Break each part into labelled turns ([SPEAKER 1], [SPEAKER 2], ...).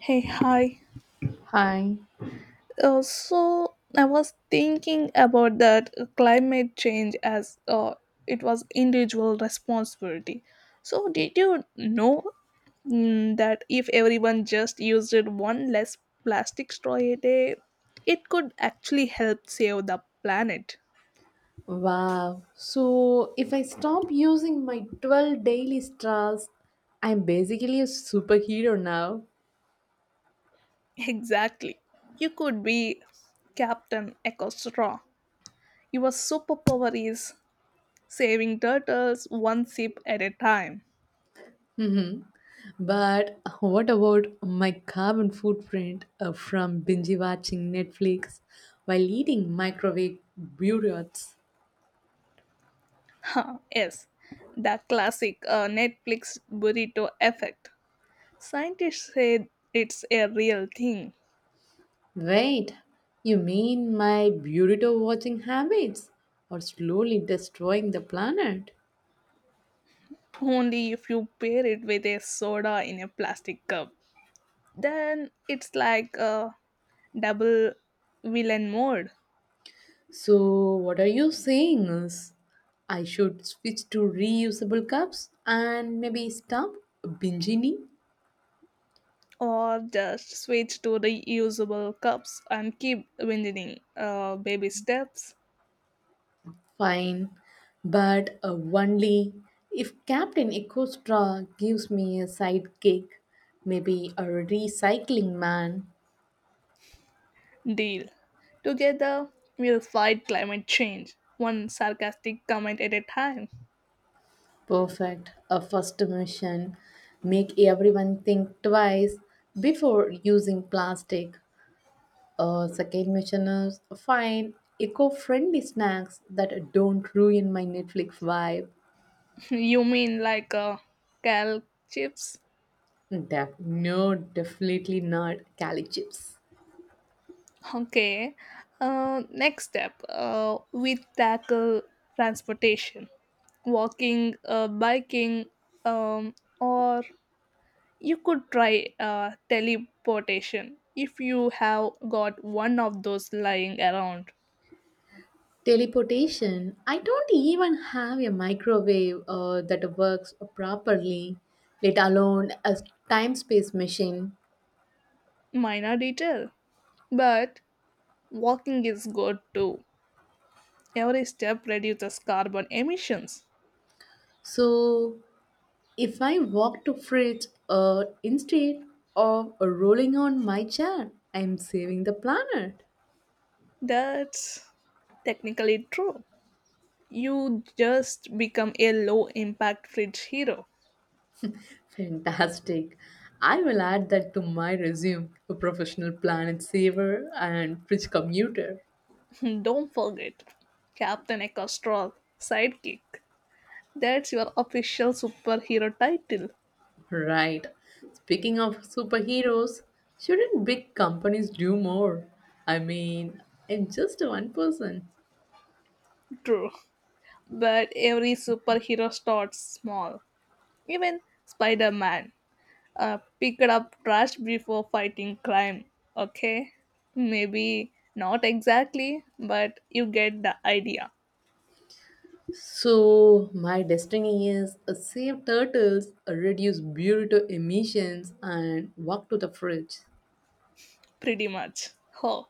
[SPEAKER 1] Hey, hi.
[SPEAKER 2] Hi.
[SPEAKER 1] So I was thinking about that climate change as it was individual responsibility. So did you know that if everyone just used it one less plastic straw a day, it could actually help save the planet?
[SPEAKER 2] Wow. So if I stop using my 12 daily straws, I'm basically a superhero now.
[SPEAKER 1] Exactly. You could be Captain Echo Straw. Your superpower is saving turtles one sip at a time.
[SPEAKER 2] But what about my carbon footprint from binge watching Netflix while eating microwave burritos?
[SPEAKER 1] Huh, yes, the classic Netflix burrito effect. Scientists say it's a real thing,
[SPEAKER 2] Wait, you mean my burrito watching habits are slowly destroying the planet?
[SPEAKER 1] only if you pair it with a soda in a plastic cup. Then it's like a double villain mode,
[SPEAKER 2] So what are you saying? I should switch to reusable cups and maybe stop binging?
[SPEAKER 1] or just switch to reusable cups and keep winning baby steps.
[SPEAKER 2] Fine, but only if Captain Ecostra gives me a sidekick, maybe a recycling man.
[SPEAKER 1] Deal. Together, we'll fight climate change, one sarcastic comment at a time.
[SPEAKER 2] Perfect, a first mission. Make everyone think twice before using plastic. Second mission is find eco-friendly snacks that don't ruin my Netflix vibe.
[SPEAKER 1] You mean like cal chips?
[SPEAKER 2] Hmm, no, definitely not Cali chips.
[SPEAKER 1] Okay. Next step, we tackle transportation, walking, biking, um, or you could try teleportation if you have got one of those lying around.
[SPEAKER 2] Teleportation. I don't even have a microwave that works properly, let alone a time-space machine.
[SPEAKER 1] Minor detail, but walking is good too. Every step reduces carbon emissions.
[SPEAKER 2] So, if I walk to fridge instead of rolling on my chair, I'm saving the planet.
[SPEAKER 1] That's technically true. You just become a low impact fridge hero.
[SPEAKER 2] Fantastic. I will add that to my resume, a professional planet saver and fridge commuter.
[SPEAKER 1] Don't forget, Captain Ecostrol, sidekick. That's your official superhero title.
[SPEAKER 2] Right. Speaking of superheroes, shouldn't big companies do more? I mean, I'm just one person.
[SPEAKER 1] True. But every superhero starts small. Even Spider Man picked up trash before fighting crime, okay? Maybe not exactly, but you get the idea,
[SPEAKER 2] So, my destiny is save turtles, reduce burrito emissions, and walk to the fridge.
[SPEAKER 1] pretty much. Oh,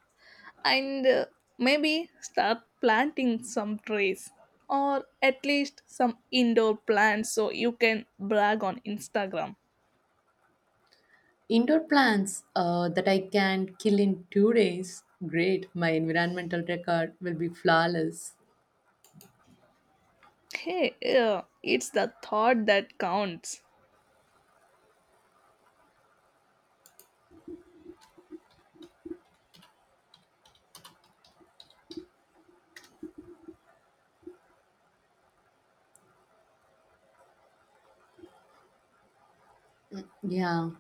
[SPEAKER 1] and maybe start planting some trees or at least some indoor plants so you can brag on Instagram.
[SPEAKER 2] Indoor plants that I can kill in 2 days. Great, my environmental record will be flawless.
[SPEAKER 1] Hey, yeah, it's the thought that counts.
[SPEAKER 2] Yeah,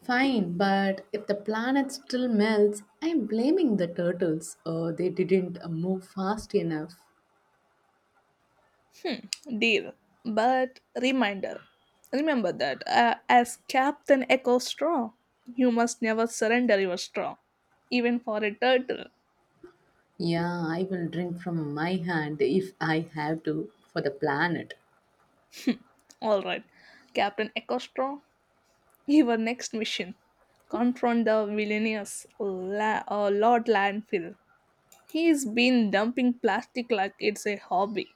[SPEAKER 2] fine, but if the planet still melts, I'm blaming the turtles. They didn't move fast enough.
[SPEAKER 1] Deal. But reminder remember that as Captain Echo Straw, you must never surrender your straw, even for a turtle.
[SPEAKER 2] Yeah, I will drink from my hand if I have to for the planet.
[SPEAKER 1] Alright, Captain Echo Straw, your next mission: confront the villainous Lord Landfill. He's been dumping plastic like it's a hobby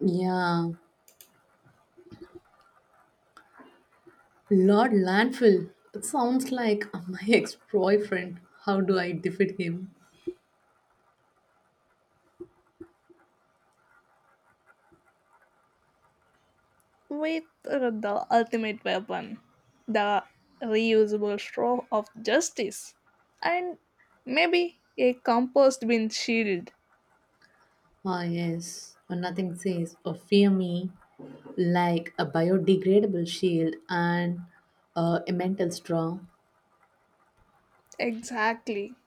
[SPEAKER 2] Yeah, Lord Landfill. It sounds like my ex boyfriend. How do I defeat him?
[SPEAKER 1] with the ultimate weapon, the reusable straw of justice, and maybe a compost bin shield.
[SPEAKER 2] Ah, yes, or nothing says or fear me like a biodegradable shield and a mental straw.
[SPEAKER 1] Exactly.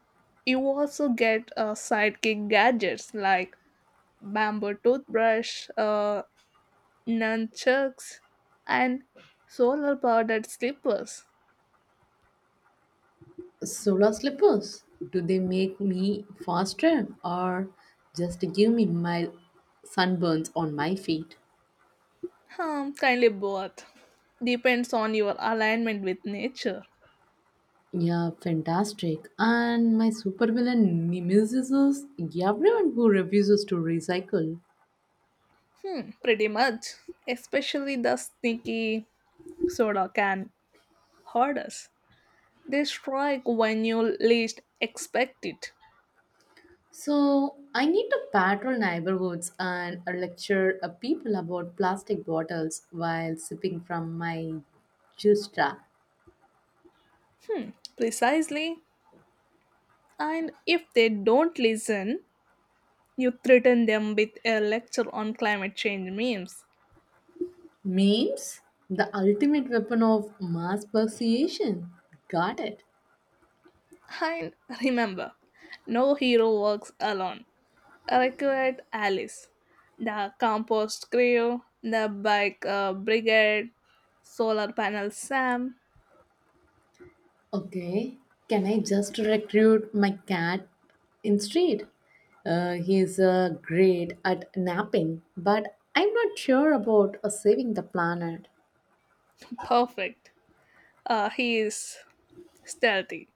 [SPEAKER 1] You also get sidekick gadgets like bamboo toothbrush, nunchucks, and solar powered slippers.
[SPEAKER 2] Solar slippers, do they make me faster or just give me mild sunburns on my feet?
[SPEAKER 1] Kindly both. Depends on your alignment with nature.
[SPEAKER 2] Yeah, fantastic. And my supervillain nemesis is everyone who refuses to recycle.
[SPEAKER 1] Hmm, pretty much. Especially the sneaky soda can hurt us. They strike when you least expect it.
[SPEAKER 2] So I need to patrol neighborhoods and lecture people about plastic bottles while sipping from my juice jar.
[SPEAKER 1] Hmm, precisely. And if they don't listen, you threaten them with a lecture on climate change memes.
[SPEAKER 2] Memes, the ultimate weapon of mass persuasion. Got it.
[SPEAKER 1] And remember, no hero works alone. Recruit Alice, the compost crew, the bike brigade, solar panel Sam.
[SPEAKER 2] Okay, can I just recruit my cat in street? He's great at napping, but I'm not sure about saving the planet.
[SPEAKER 1] Perfect. He is stealthy.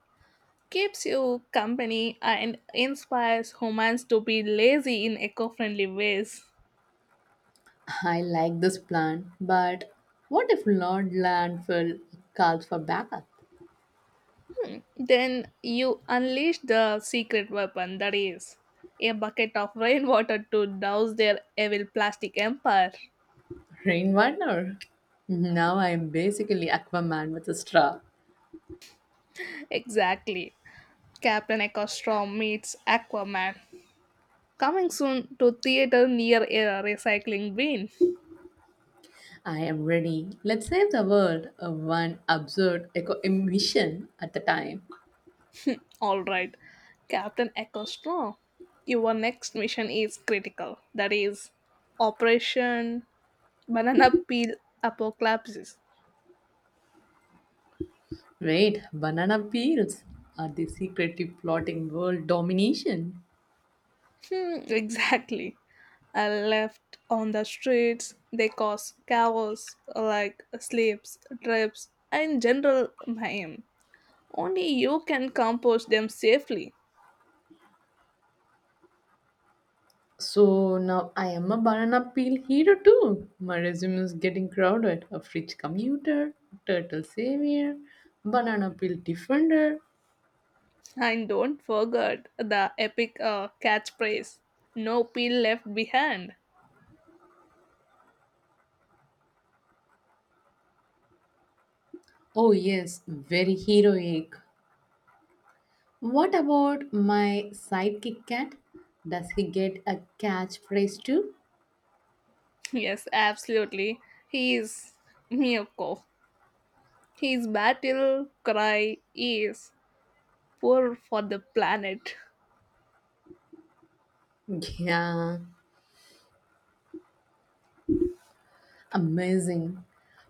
[SPEAKER 1] Keeps you company and inspires humans to be lazy in eco friendly ways.
[SPEAKER 2] I like this plan, but what if Lord Landfall calls for backup?
[SPEAKER 1] Hmm. Then you unleash the secret weapon, that is a bucket of rainwater to douse their evil plastic empire.
[SPEAKER 2] Rain wonder. Now I am basically Aquaman with a straw.
[SPEAKER 1] Exactly. Captain Echo Storm meets Aquaman. Coming soon to theater near a recycling bin.
[SPEAKER 2] I am ready. Let's save the world, one absurd eco emission at the time.
[SPEAKER 1] All right, Captain Eccleston, your next mission is critical. That is Operation Banana Peel Apocalypse.
[SPEAKER 2] Wait, banana peels are the secretly plotting world domination.
[SPEAKER 1] Hmm, exactly. I left on the streets. They cause chaos like slips, trips, and general mayhem. Only you can compose them safely.
[SPEAKER 2] So now I am a banana peel hero too. My resume is getting crowded. A fridge commuter, turtle savior, banana peel defender.
[SPEAKER 1] And don't forget the epic catchphrase: no peel left behind.
[SPEAKER 2] Oh yes, very heroic. What about my sidekick cat? Does he get a catchphrase too?
[SPEAKER 1] Yes, absolutely. He is Miyako. His battle cry is poor for the planet.
[SPEAKER 2] Yeah, amazing.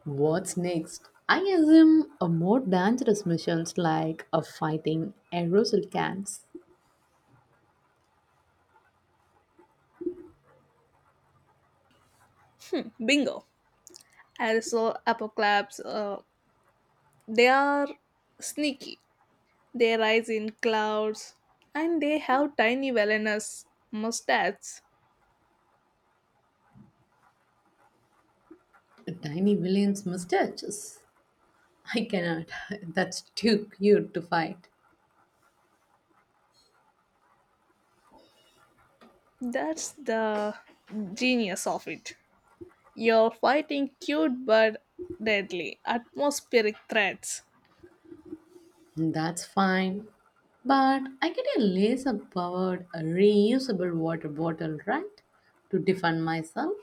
[SPEAKER 2] What's next? I assume a more dangerous missions like a fighting aerosol cans,
[SPEAKER 1] Bingo. Also, apocalypse, they are sneaky. They rise in clouds and they have tiny villainous mustaches.
[SPEAKER 2] tiny villains' mustaches. I cannot. That's too cute to fight.
[SPEAKER 1] That's the genius of it. You're fighting cute but deadly atmospheric threats.
[SPEAKER 2] That's fine. But I get a laser powered reusable water bottle, right? To defend myself.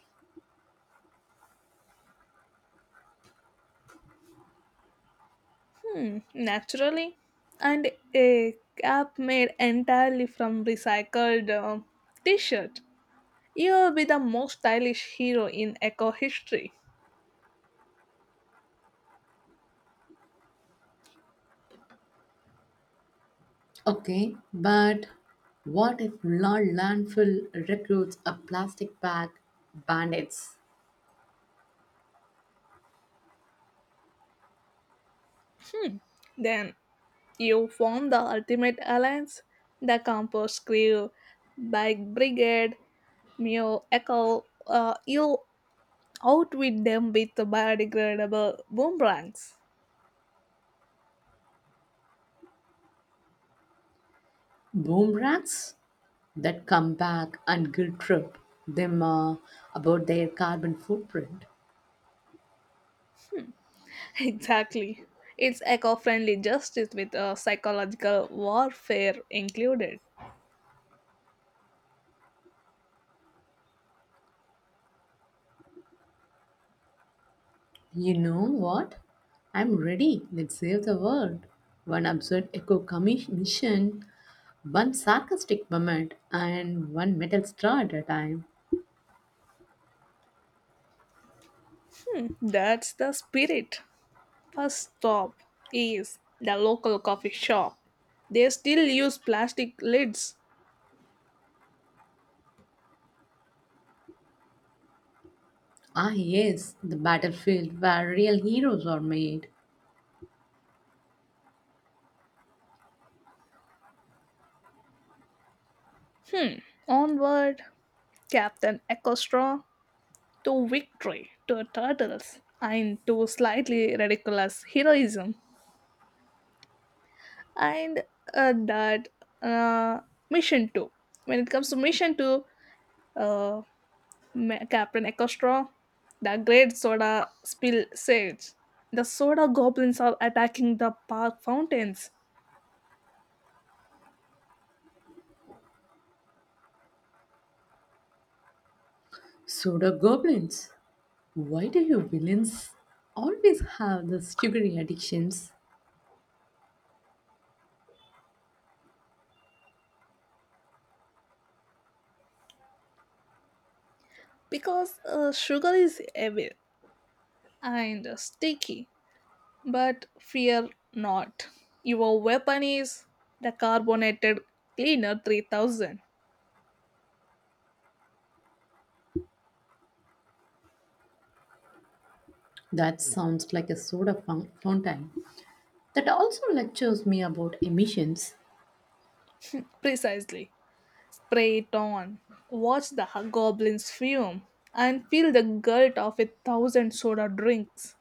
[SPEAKER 1] Hmm, naturally. And a cap made entirely from recycled t shirt. You'll be the most stylish hero in eco history.
[SPEAKER 2] Okay, but what if La Landfill recruits a plastic bag bandits?
[SPEAKER 1] Then you form the ultimate alliance: the Compost Crew, Bike Brigade, Mew Echo. You outwit them with the biodegradable boomerangs.
[SPEAKER 2] Boom rats that come back and guilt trip them about their carbon footprint.
[SPEAKER 1] Exactly. It's eco friendly justice with a psychological warfare included.
[SPEAKER 2] You know what? I'm ready. Let's save the world. One absurd mission, one sarcastic moment, and one metal straw at a time.
[SPEAKER 1] That's the spirit. First stop is the local coffee shop. They still use plastic lids.
[SPEAKER 2] Ah, yes, the battlefield where real heroes are made.
[SPEAKER 1] Onward, Captain Ecostraw, to victory, to turtles, and to slightly ridiculous heroism. And that uh, mission 2. When it comes to mission 2, uh, Captain Ekostra, the great soda spill sage. The soda goblins are attacking the park fountains
[SPEAKER 2] Soda goblins. Why do you villains always have the sugary addictions?
[SPEAKER 1] because sugar is heavy and sticky. But fear not. Your weapon is the carbonated cleaner 3000.
[SPEAKER 2] That sounds like a fountain. That also lectures me about emissions
[SPEAKER 1] Precisely. Spray it on. Watch the goblins fume and feel the guilt of a thousand soda drinks.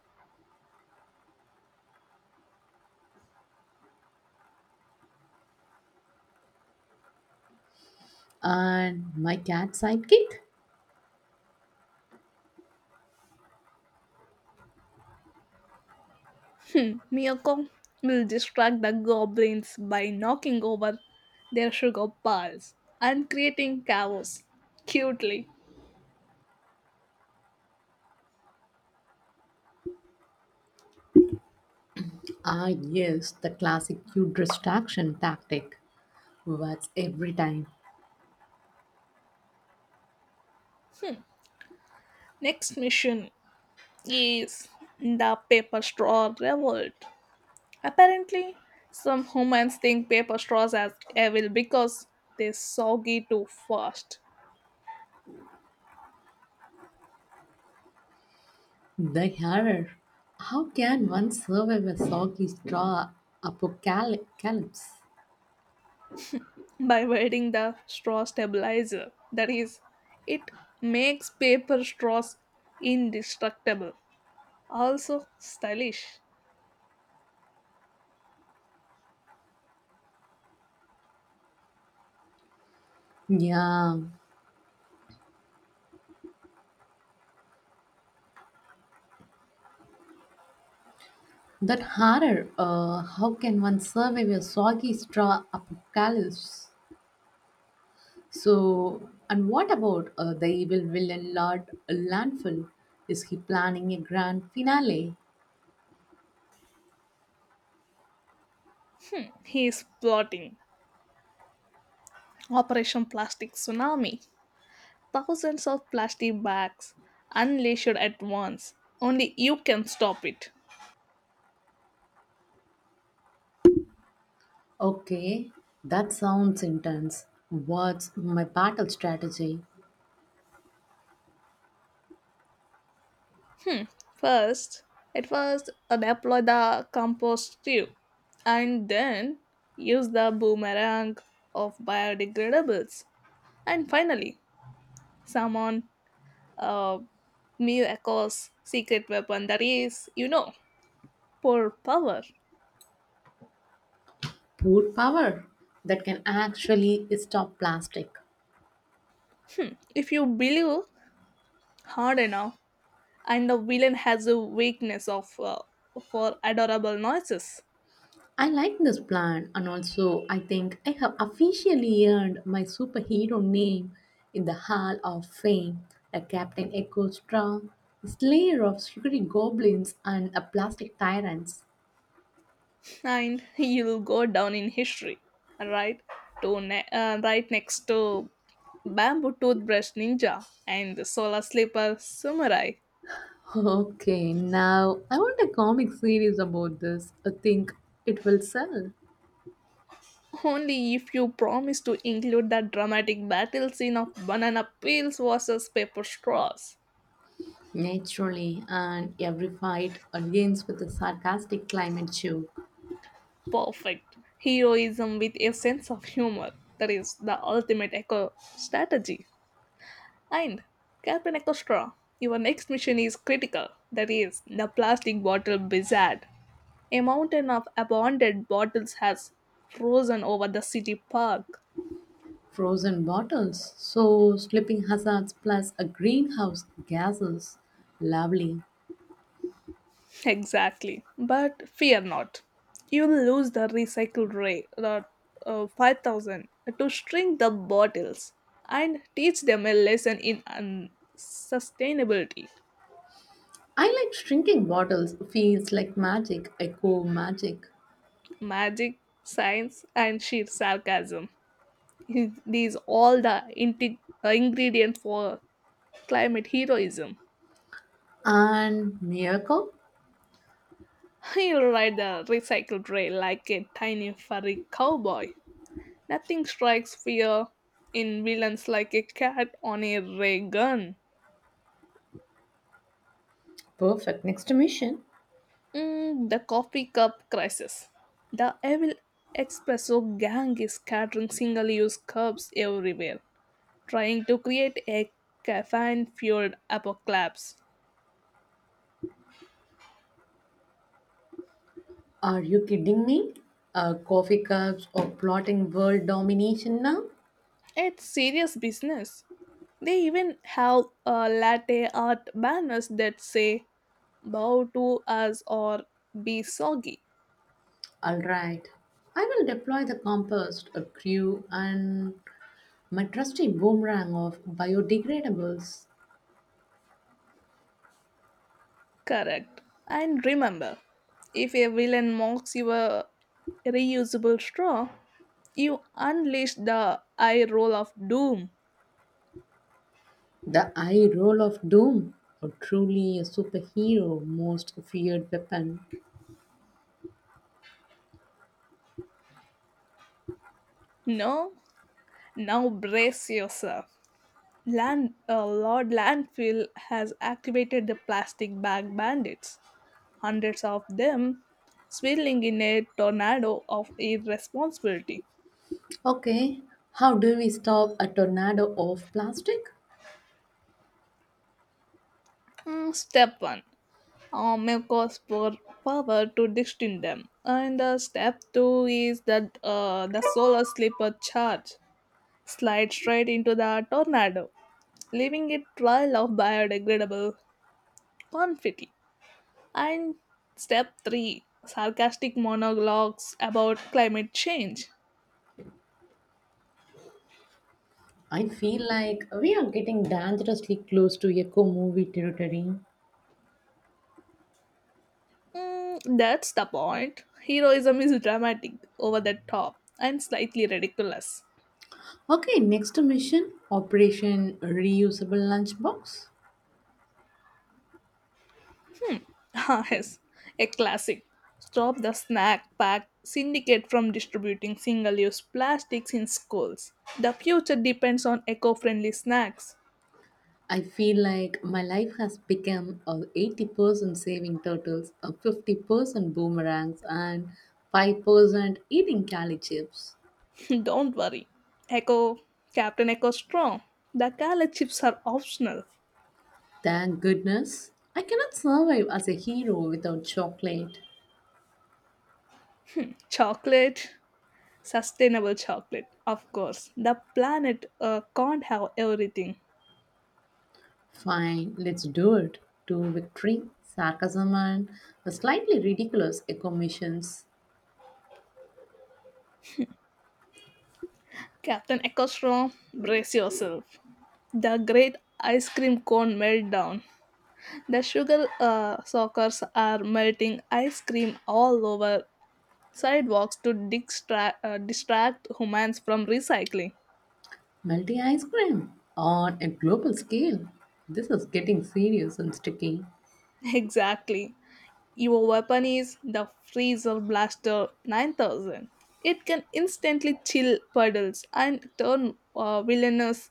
[SPEAKER 2] and my cat sidekick.
[SPEAKER 1] Miyako will distract the goblins by knocking over their sugar bars and creating chaos cutely.
[SPEAKER 2] Ah, yes, the classic cute distraction tactic. What's every time?
[SPEAKER 1] Hmm. Next mission is the paper straw revolt. Apparently, some humans think paper straws as evil because they soggy too fast
[SPEAKER 2] The hair. How can one survive a soggy straw apocalypse?
[SPEAKER 1] by wearing the straw stabilizer. That is, it makes paper straws indestructible, also stylish.
[SPEAKER 2] Yeah, that horror. How can one survive a soggy straw apocalypse? So, and what about the evil villain Lord Landfall? Is he planning a grand finale?
[SPEAKER 1] He is plotting Operation Plastic Tsunami. Thousands of plastic bags unleashed at once. Only you can stop it.
[SPEAKER 2] Okay, that sounds intense. What's my battle strategy?
[SPEAKER 1] First, first, deploy the compost tube and then use the boomerang of biodegradables. And finally, summon uh, Mew Echo's secret weapon, that is, you know, poor power.
[SPEAKER 2] Port power that can actually stop plastic.
[SPEAKER 1] If you believe hard enough, and the villain has a weakness of for adorable noises,
[SPEAKER 2] I like this plan, and also I think I have officially earned my superhero name in the Hall of Fame. A Captain Echo Straw, Slayer of Sugary Goblins, and a Plastic Tyrants.
[SPEAKER 1] and he'll go down in history right right next to bamboo toothbrush ninja and the solar slipper samurai,
[SPEAKER 2] Okay, now I want a comic series about this. I think it will sell.
[SPEAKER 1] only if you promise to include that dramatic battle scene of banana peels versus paper straws,
[SPEAKER 2] Naturally, and every fight against with a sarcastic climate joke,
[SPEAKER 1] perfect heroism with a sense of humor, that is the ultimate eco strategy. And Captain Extra, your next mission is critical. That is, the plastic bottle blizzard. A mountain of abandoned bottles has frozen over the city park.
[SPEAKER 2] frozen bottles, so slipping hazards plus a greenhouse gases. Lovely.
[SPEAKER 1] Exactly. But fear not. You'll lose the recycle rate, the 5,000, to string the bottles and teach them a lesson in sustainability,
[SPEAKER 2] I like shrinking bottles, feels like magic, echo magic.
[SPEAKER 1] magic, science, and sheer sarcasm. These all the integ- ingredients for climate heroism.
[SPEAKER 2] And miracle?
[SPEAKER 1] He'll ride the recycled rail like a tiny furry cowboy. Nothing strikes fear in villains like a cat on a ray gun.
[SPEAKER 2] Perfect. Next mission.
[SPEAKER 1] Mm, the coffee cup crisis. The evil espresso gang is scattering single-use cups everywhere, trying to create a caffeine-fueled apocalypse.
[SPEAKER 2] Are you kidding me? Coffee cups or plotting world domination now?
[SPEAKER 1] It's serious business. They even have latte art banners that say bow to us or be soggy.
[SPEAKER 2] Alright. I will deploy the compost, a crew, and my trusty boomerang of biodegradables,
[SPEAKER 1] Correct. And remember, if a villain mocks your reusable straw, you unleash the eye roll of doom.
[SPEAKER 2] the eye roll of doom, or truly a superhero most feared weapon.
[SPEAKER 1] No? Now brace yourself. Lord Landfill has activated the plastic bag bandits, hundreds of them swirling in a tornado of irresponsibility.
[SPEAKER 2] Okay, how do we stop a tornado of plastic?
[SPEAKER 1] Mm, step 1, make us for power to distinct them. And step 2 is that the solar slipper charge slides straight into the tornado, leaving a trail of biodegradable confetti. And step 3, sarcastic monologues about climate change.
[SPEAKER 2] I feel like we are getting dangerously close to eco movie territory.
[SPEAKER 1] Mm, that's the point. Heroism is dramatic, over the top, and slightly ridiculous.
[SPEAKER 2] Okay, next mission Operation Reusable Lunchbox.
[SPEAKER 1] Ah, yes, a classic. Stop the snack pack syndicate from distributing single use plastics in schools. The future depends on eco friendly snacks.
[SPEAKER 2] I feel like my life has become a 80% saving turtles, a 50% boomerangs, and 5% eating cali chips.
[SPEAKER 1] Don't worry. Eco, Captain Eco Strong. The color chips are optional.
[SPEAKER 2] Thank goodness. I cannot survive as a hero without chocolate.
[SPEAKER 1] Chocolate, sustainable chocolate, of course. The planet can't have everything.
[SPEAKER 2] Fine, let's do it. To victory, sarcasm, and the slightly ridiculous eco missions.
[SPEAKER 1] Captain Ekostrom, brace yourself. The great ice cream cone meltdown. The sugar sockers are melting ice cream all over sidewalks to distract humans from recycling.
[SPEAKER 2] Multi ice cream on a global scale. This is getting serious and sticky.
[SPEAKER 1] Exactly. Your weapon is the Freezer Blaster 9000. It can instantly chill puddles and turn villainous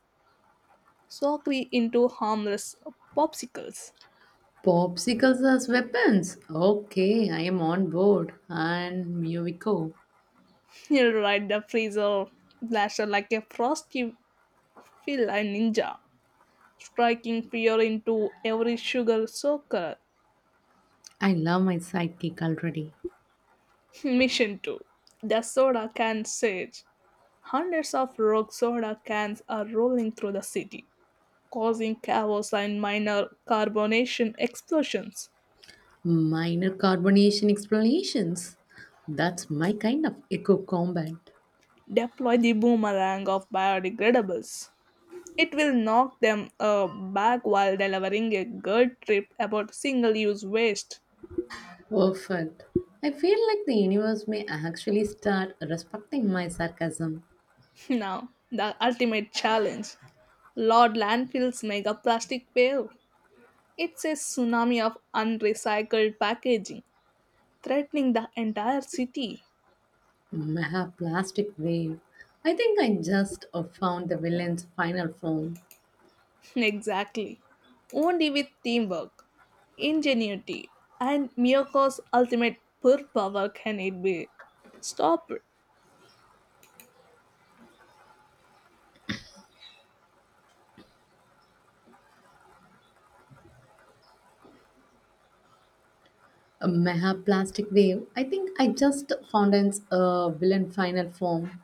[SPEAKER 1] sockery into harmless popsicles.
[SPEAKER 2] Popsicles as weapons. Okay, I am on board. And Miyoviko.
[SPEAKER 1] You're right, the freezer blaster like a frosty feel a ninja, striking fear into every sugar soaker.
[SPEAKER 2] I love my sidekick already.
[SPEAKER 1] Mission 2. The soda can surge. Hundreds of rogue soda cans are rolling through the city, causing chaos and minor carbonation explosions.
[SPEAKER 2] Minor carbonation explanations. That's my kind of eco combat.
[SPEAKER 1] Deploy the boomerang of biodegradables. It will knock them back while delivering a good trip about single use waste.
[SPEAKER 2] Perfect. I feel like the universe may actually start respecting my sarcasm.
[SPEAKER 1] Now, the ultimate challenge: Lord Landfill's mega plastic wave. It's a tsunami of unrecycled packaging, threatening the entire city.
[SPEAKER 2] Maha plastic wave. I think I just found the villain's final form.
[SPEAKER 1] Exactly. Only with teamwork, ingenuity, and Miyoko's ultimate pure power can it be stopped.
[SPEAKER 2] A meha plastic wave. I think I just found its villain final form.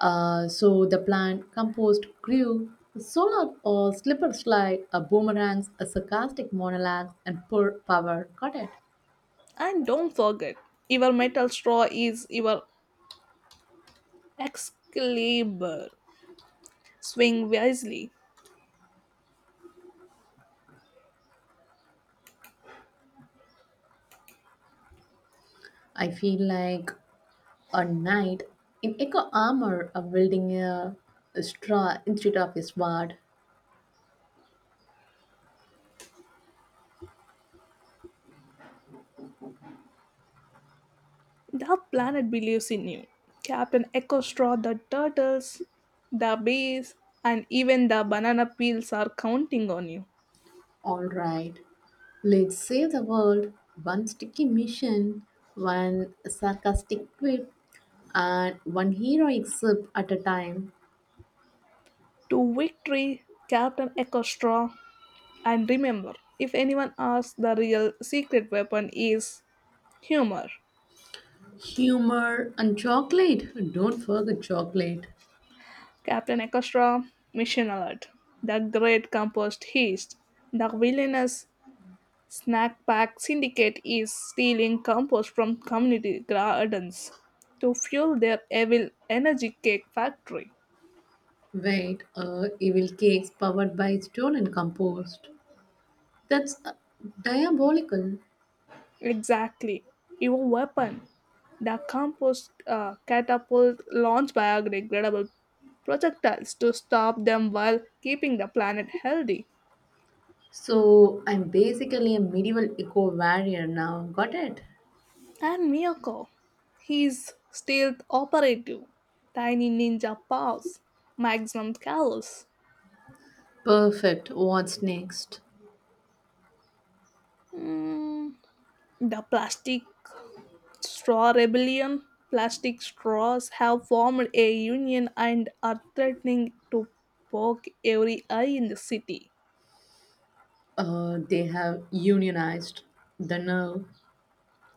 [SPEAKER 2] So the plant composed grew. Solar or slipper slide, a boomerangs, a sarcastic monologue, and poor power got it.
[SPEAKER 1] And don't forget, your metal straw is your Excalibur. Swing wisely.
[SPEAKER 2] I feel like a knight in echo armor, a wielding a straw instead of a sword.
[SPEAKER 1] The planet believes in you. Captain Echo Straw, the turtles, the bees, and even the banana peels are counting on you.
[SPEAKER 2] All right, let's save the world. One sticky mission, one sarcastic quip, and one heroic sip at a time.
[SPEAKER 1] To victory, Captain Echo Straw. And remember, if anyone asks, the real secret weapon is humor.
[SPEAKER 2] Humor and chocolate. Don't forget chocolate.
[SPEAKER 1] Captain Echo Straw, mission alert. The great compost heist. The villainous Snack Pack Syndicate is stealing compost from community gardens to fuel their evil energy cake factory.
[SPEAKER 2] Wait, evil cakes powered by stone and compost. That's diabolical.
[SPEAKER 1] Exactly, your weapon: the compost catapult launched biodegradable projectiles to stop them while keeping the planet healthy.
[SPEAKER 2] So I'm basically a medieval eco warrior now. Got it?
[SPEAKER 1] And Miyako, his stealth operative, tiny ninja paws, maximum calories.
[SPEAKER 2] Perfect. What's next?
[SPEAKER 1] Mm, the plastic straw rebellion, plastic straws have formed a union and are threatening to poke every eye in the city.
[SPEAKER 2] They have unionized the nerve.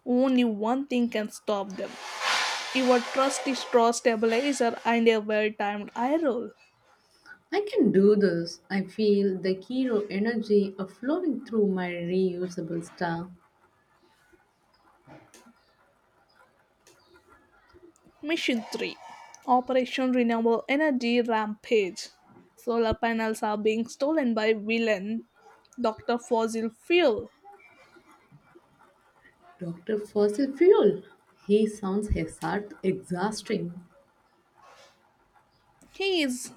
[SPEAKER 1] Only one thing can stop them: your trusty straw stabilizer and a well timed eye roll.
[SPEAKER 2] I can do this. I feel the hero energy of flowing through my reusable stuff.
[SPEAKER 1] Mission 3, Operation Renewable Energy Rampage. Solar panels are being stolen by villain Dr. Fossil Fuel.
[SPEAKER 2] Dr. Fossil Fuel. He sounds hazard exhausting.
[SPEAKER 1] He is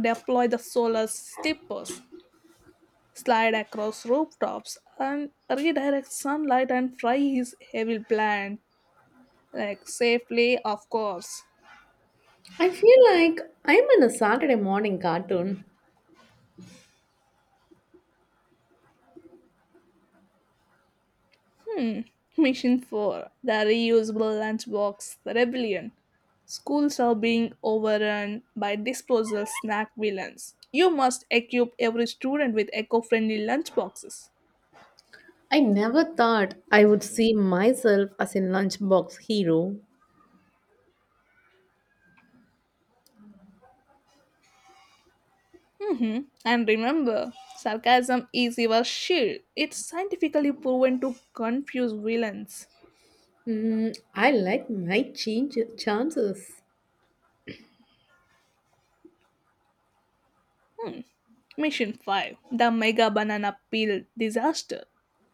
[SPEAKER 1] deployed the solar slippers slide across rooftops, and redirect sunlight and fry his evil plan. Like, safely, of course.
[SPEAKER 2] I feel like I'm in a Saturday morning cartoon.
[SPEAKER 1] Mission 4, the Reusable Lunchbox Rebellion. Schools are being overrun by disposal snack villains. You must equip every student with eco friendly lunchboxes.
[SPEAKER 2] I never thought I would see myself as a lunchbox hero.
[SPEAKER 1] Hmm. And remember, sarcasm is your shield. It's scientifically proven to confuse villains.
[SPEAKER 2] Mm, I like my change chances.
[SPEAKER 1] Mission 5, the Mega Banana Peel Disaster.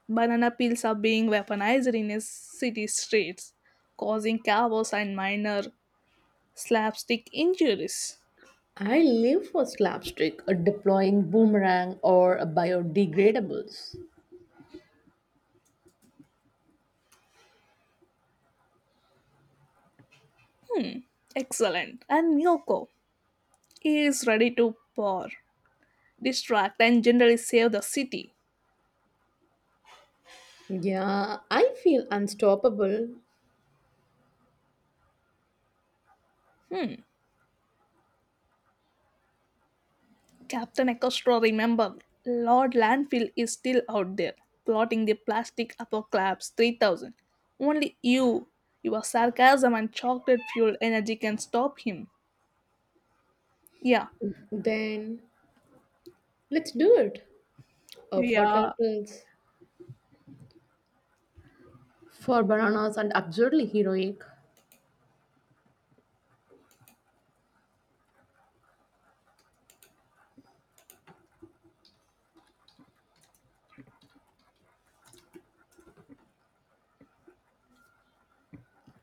[SPEAKER 1] Banana peels are being weaponized in a city streets, causing chaos and minor slapstick injuries.
[SPEAKER 2] I live for slapstick, a deploying boomerang, or a biodegradables.
[SPEAKER 1] Excellent. And Miyoko is ready to pour, distract, and generally save the city.
[SPEAKER 2] Yeah, I feel unstoppable.
[SPEAKER 1] Captain Ecostro, remember, Lord Landfill is still out there, plotting the plastic apocalypse 3000. Only you, your sarcasm and chocolate fueled energy can stop him. Yeah,
[SPEAKER 2] Then let's do it. A for
[SPEAKER 1] yeah.
[SPEAKER 2] turtles. For bananas and absurdly heroic.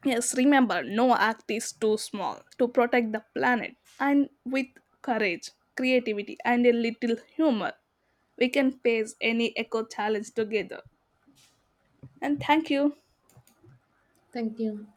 [SPEAKER 1] Yes, remember, no act is too small to protect the planet. And with courage, creativity, and a little humor, we can face any eco challenge together. And thank you.
[SPEAKER 2] Thank you.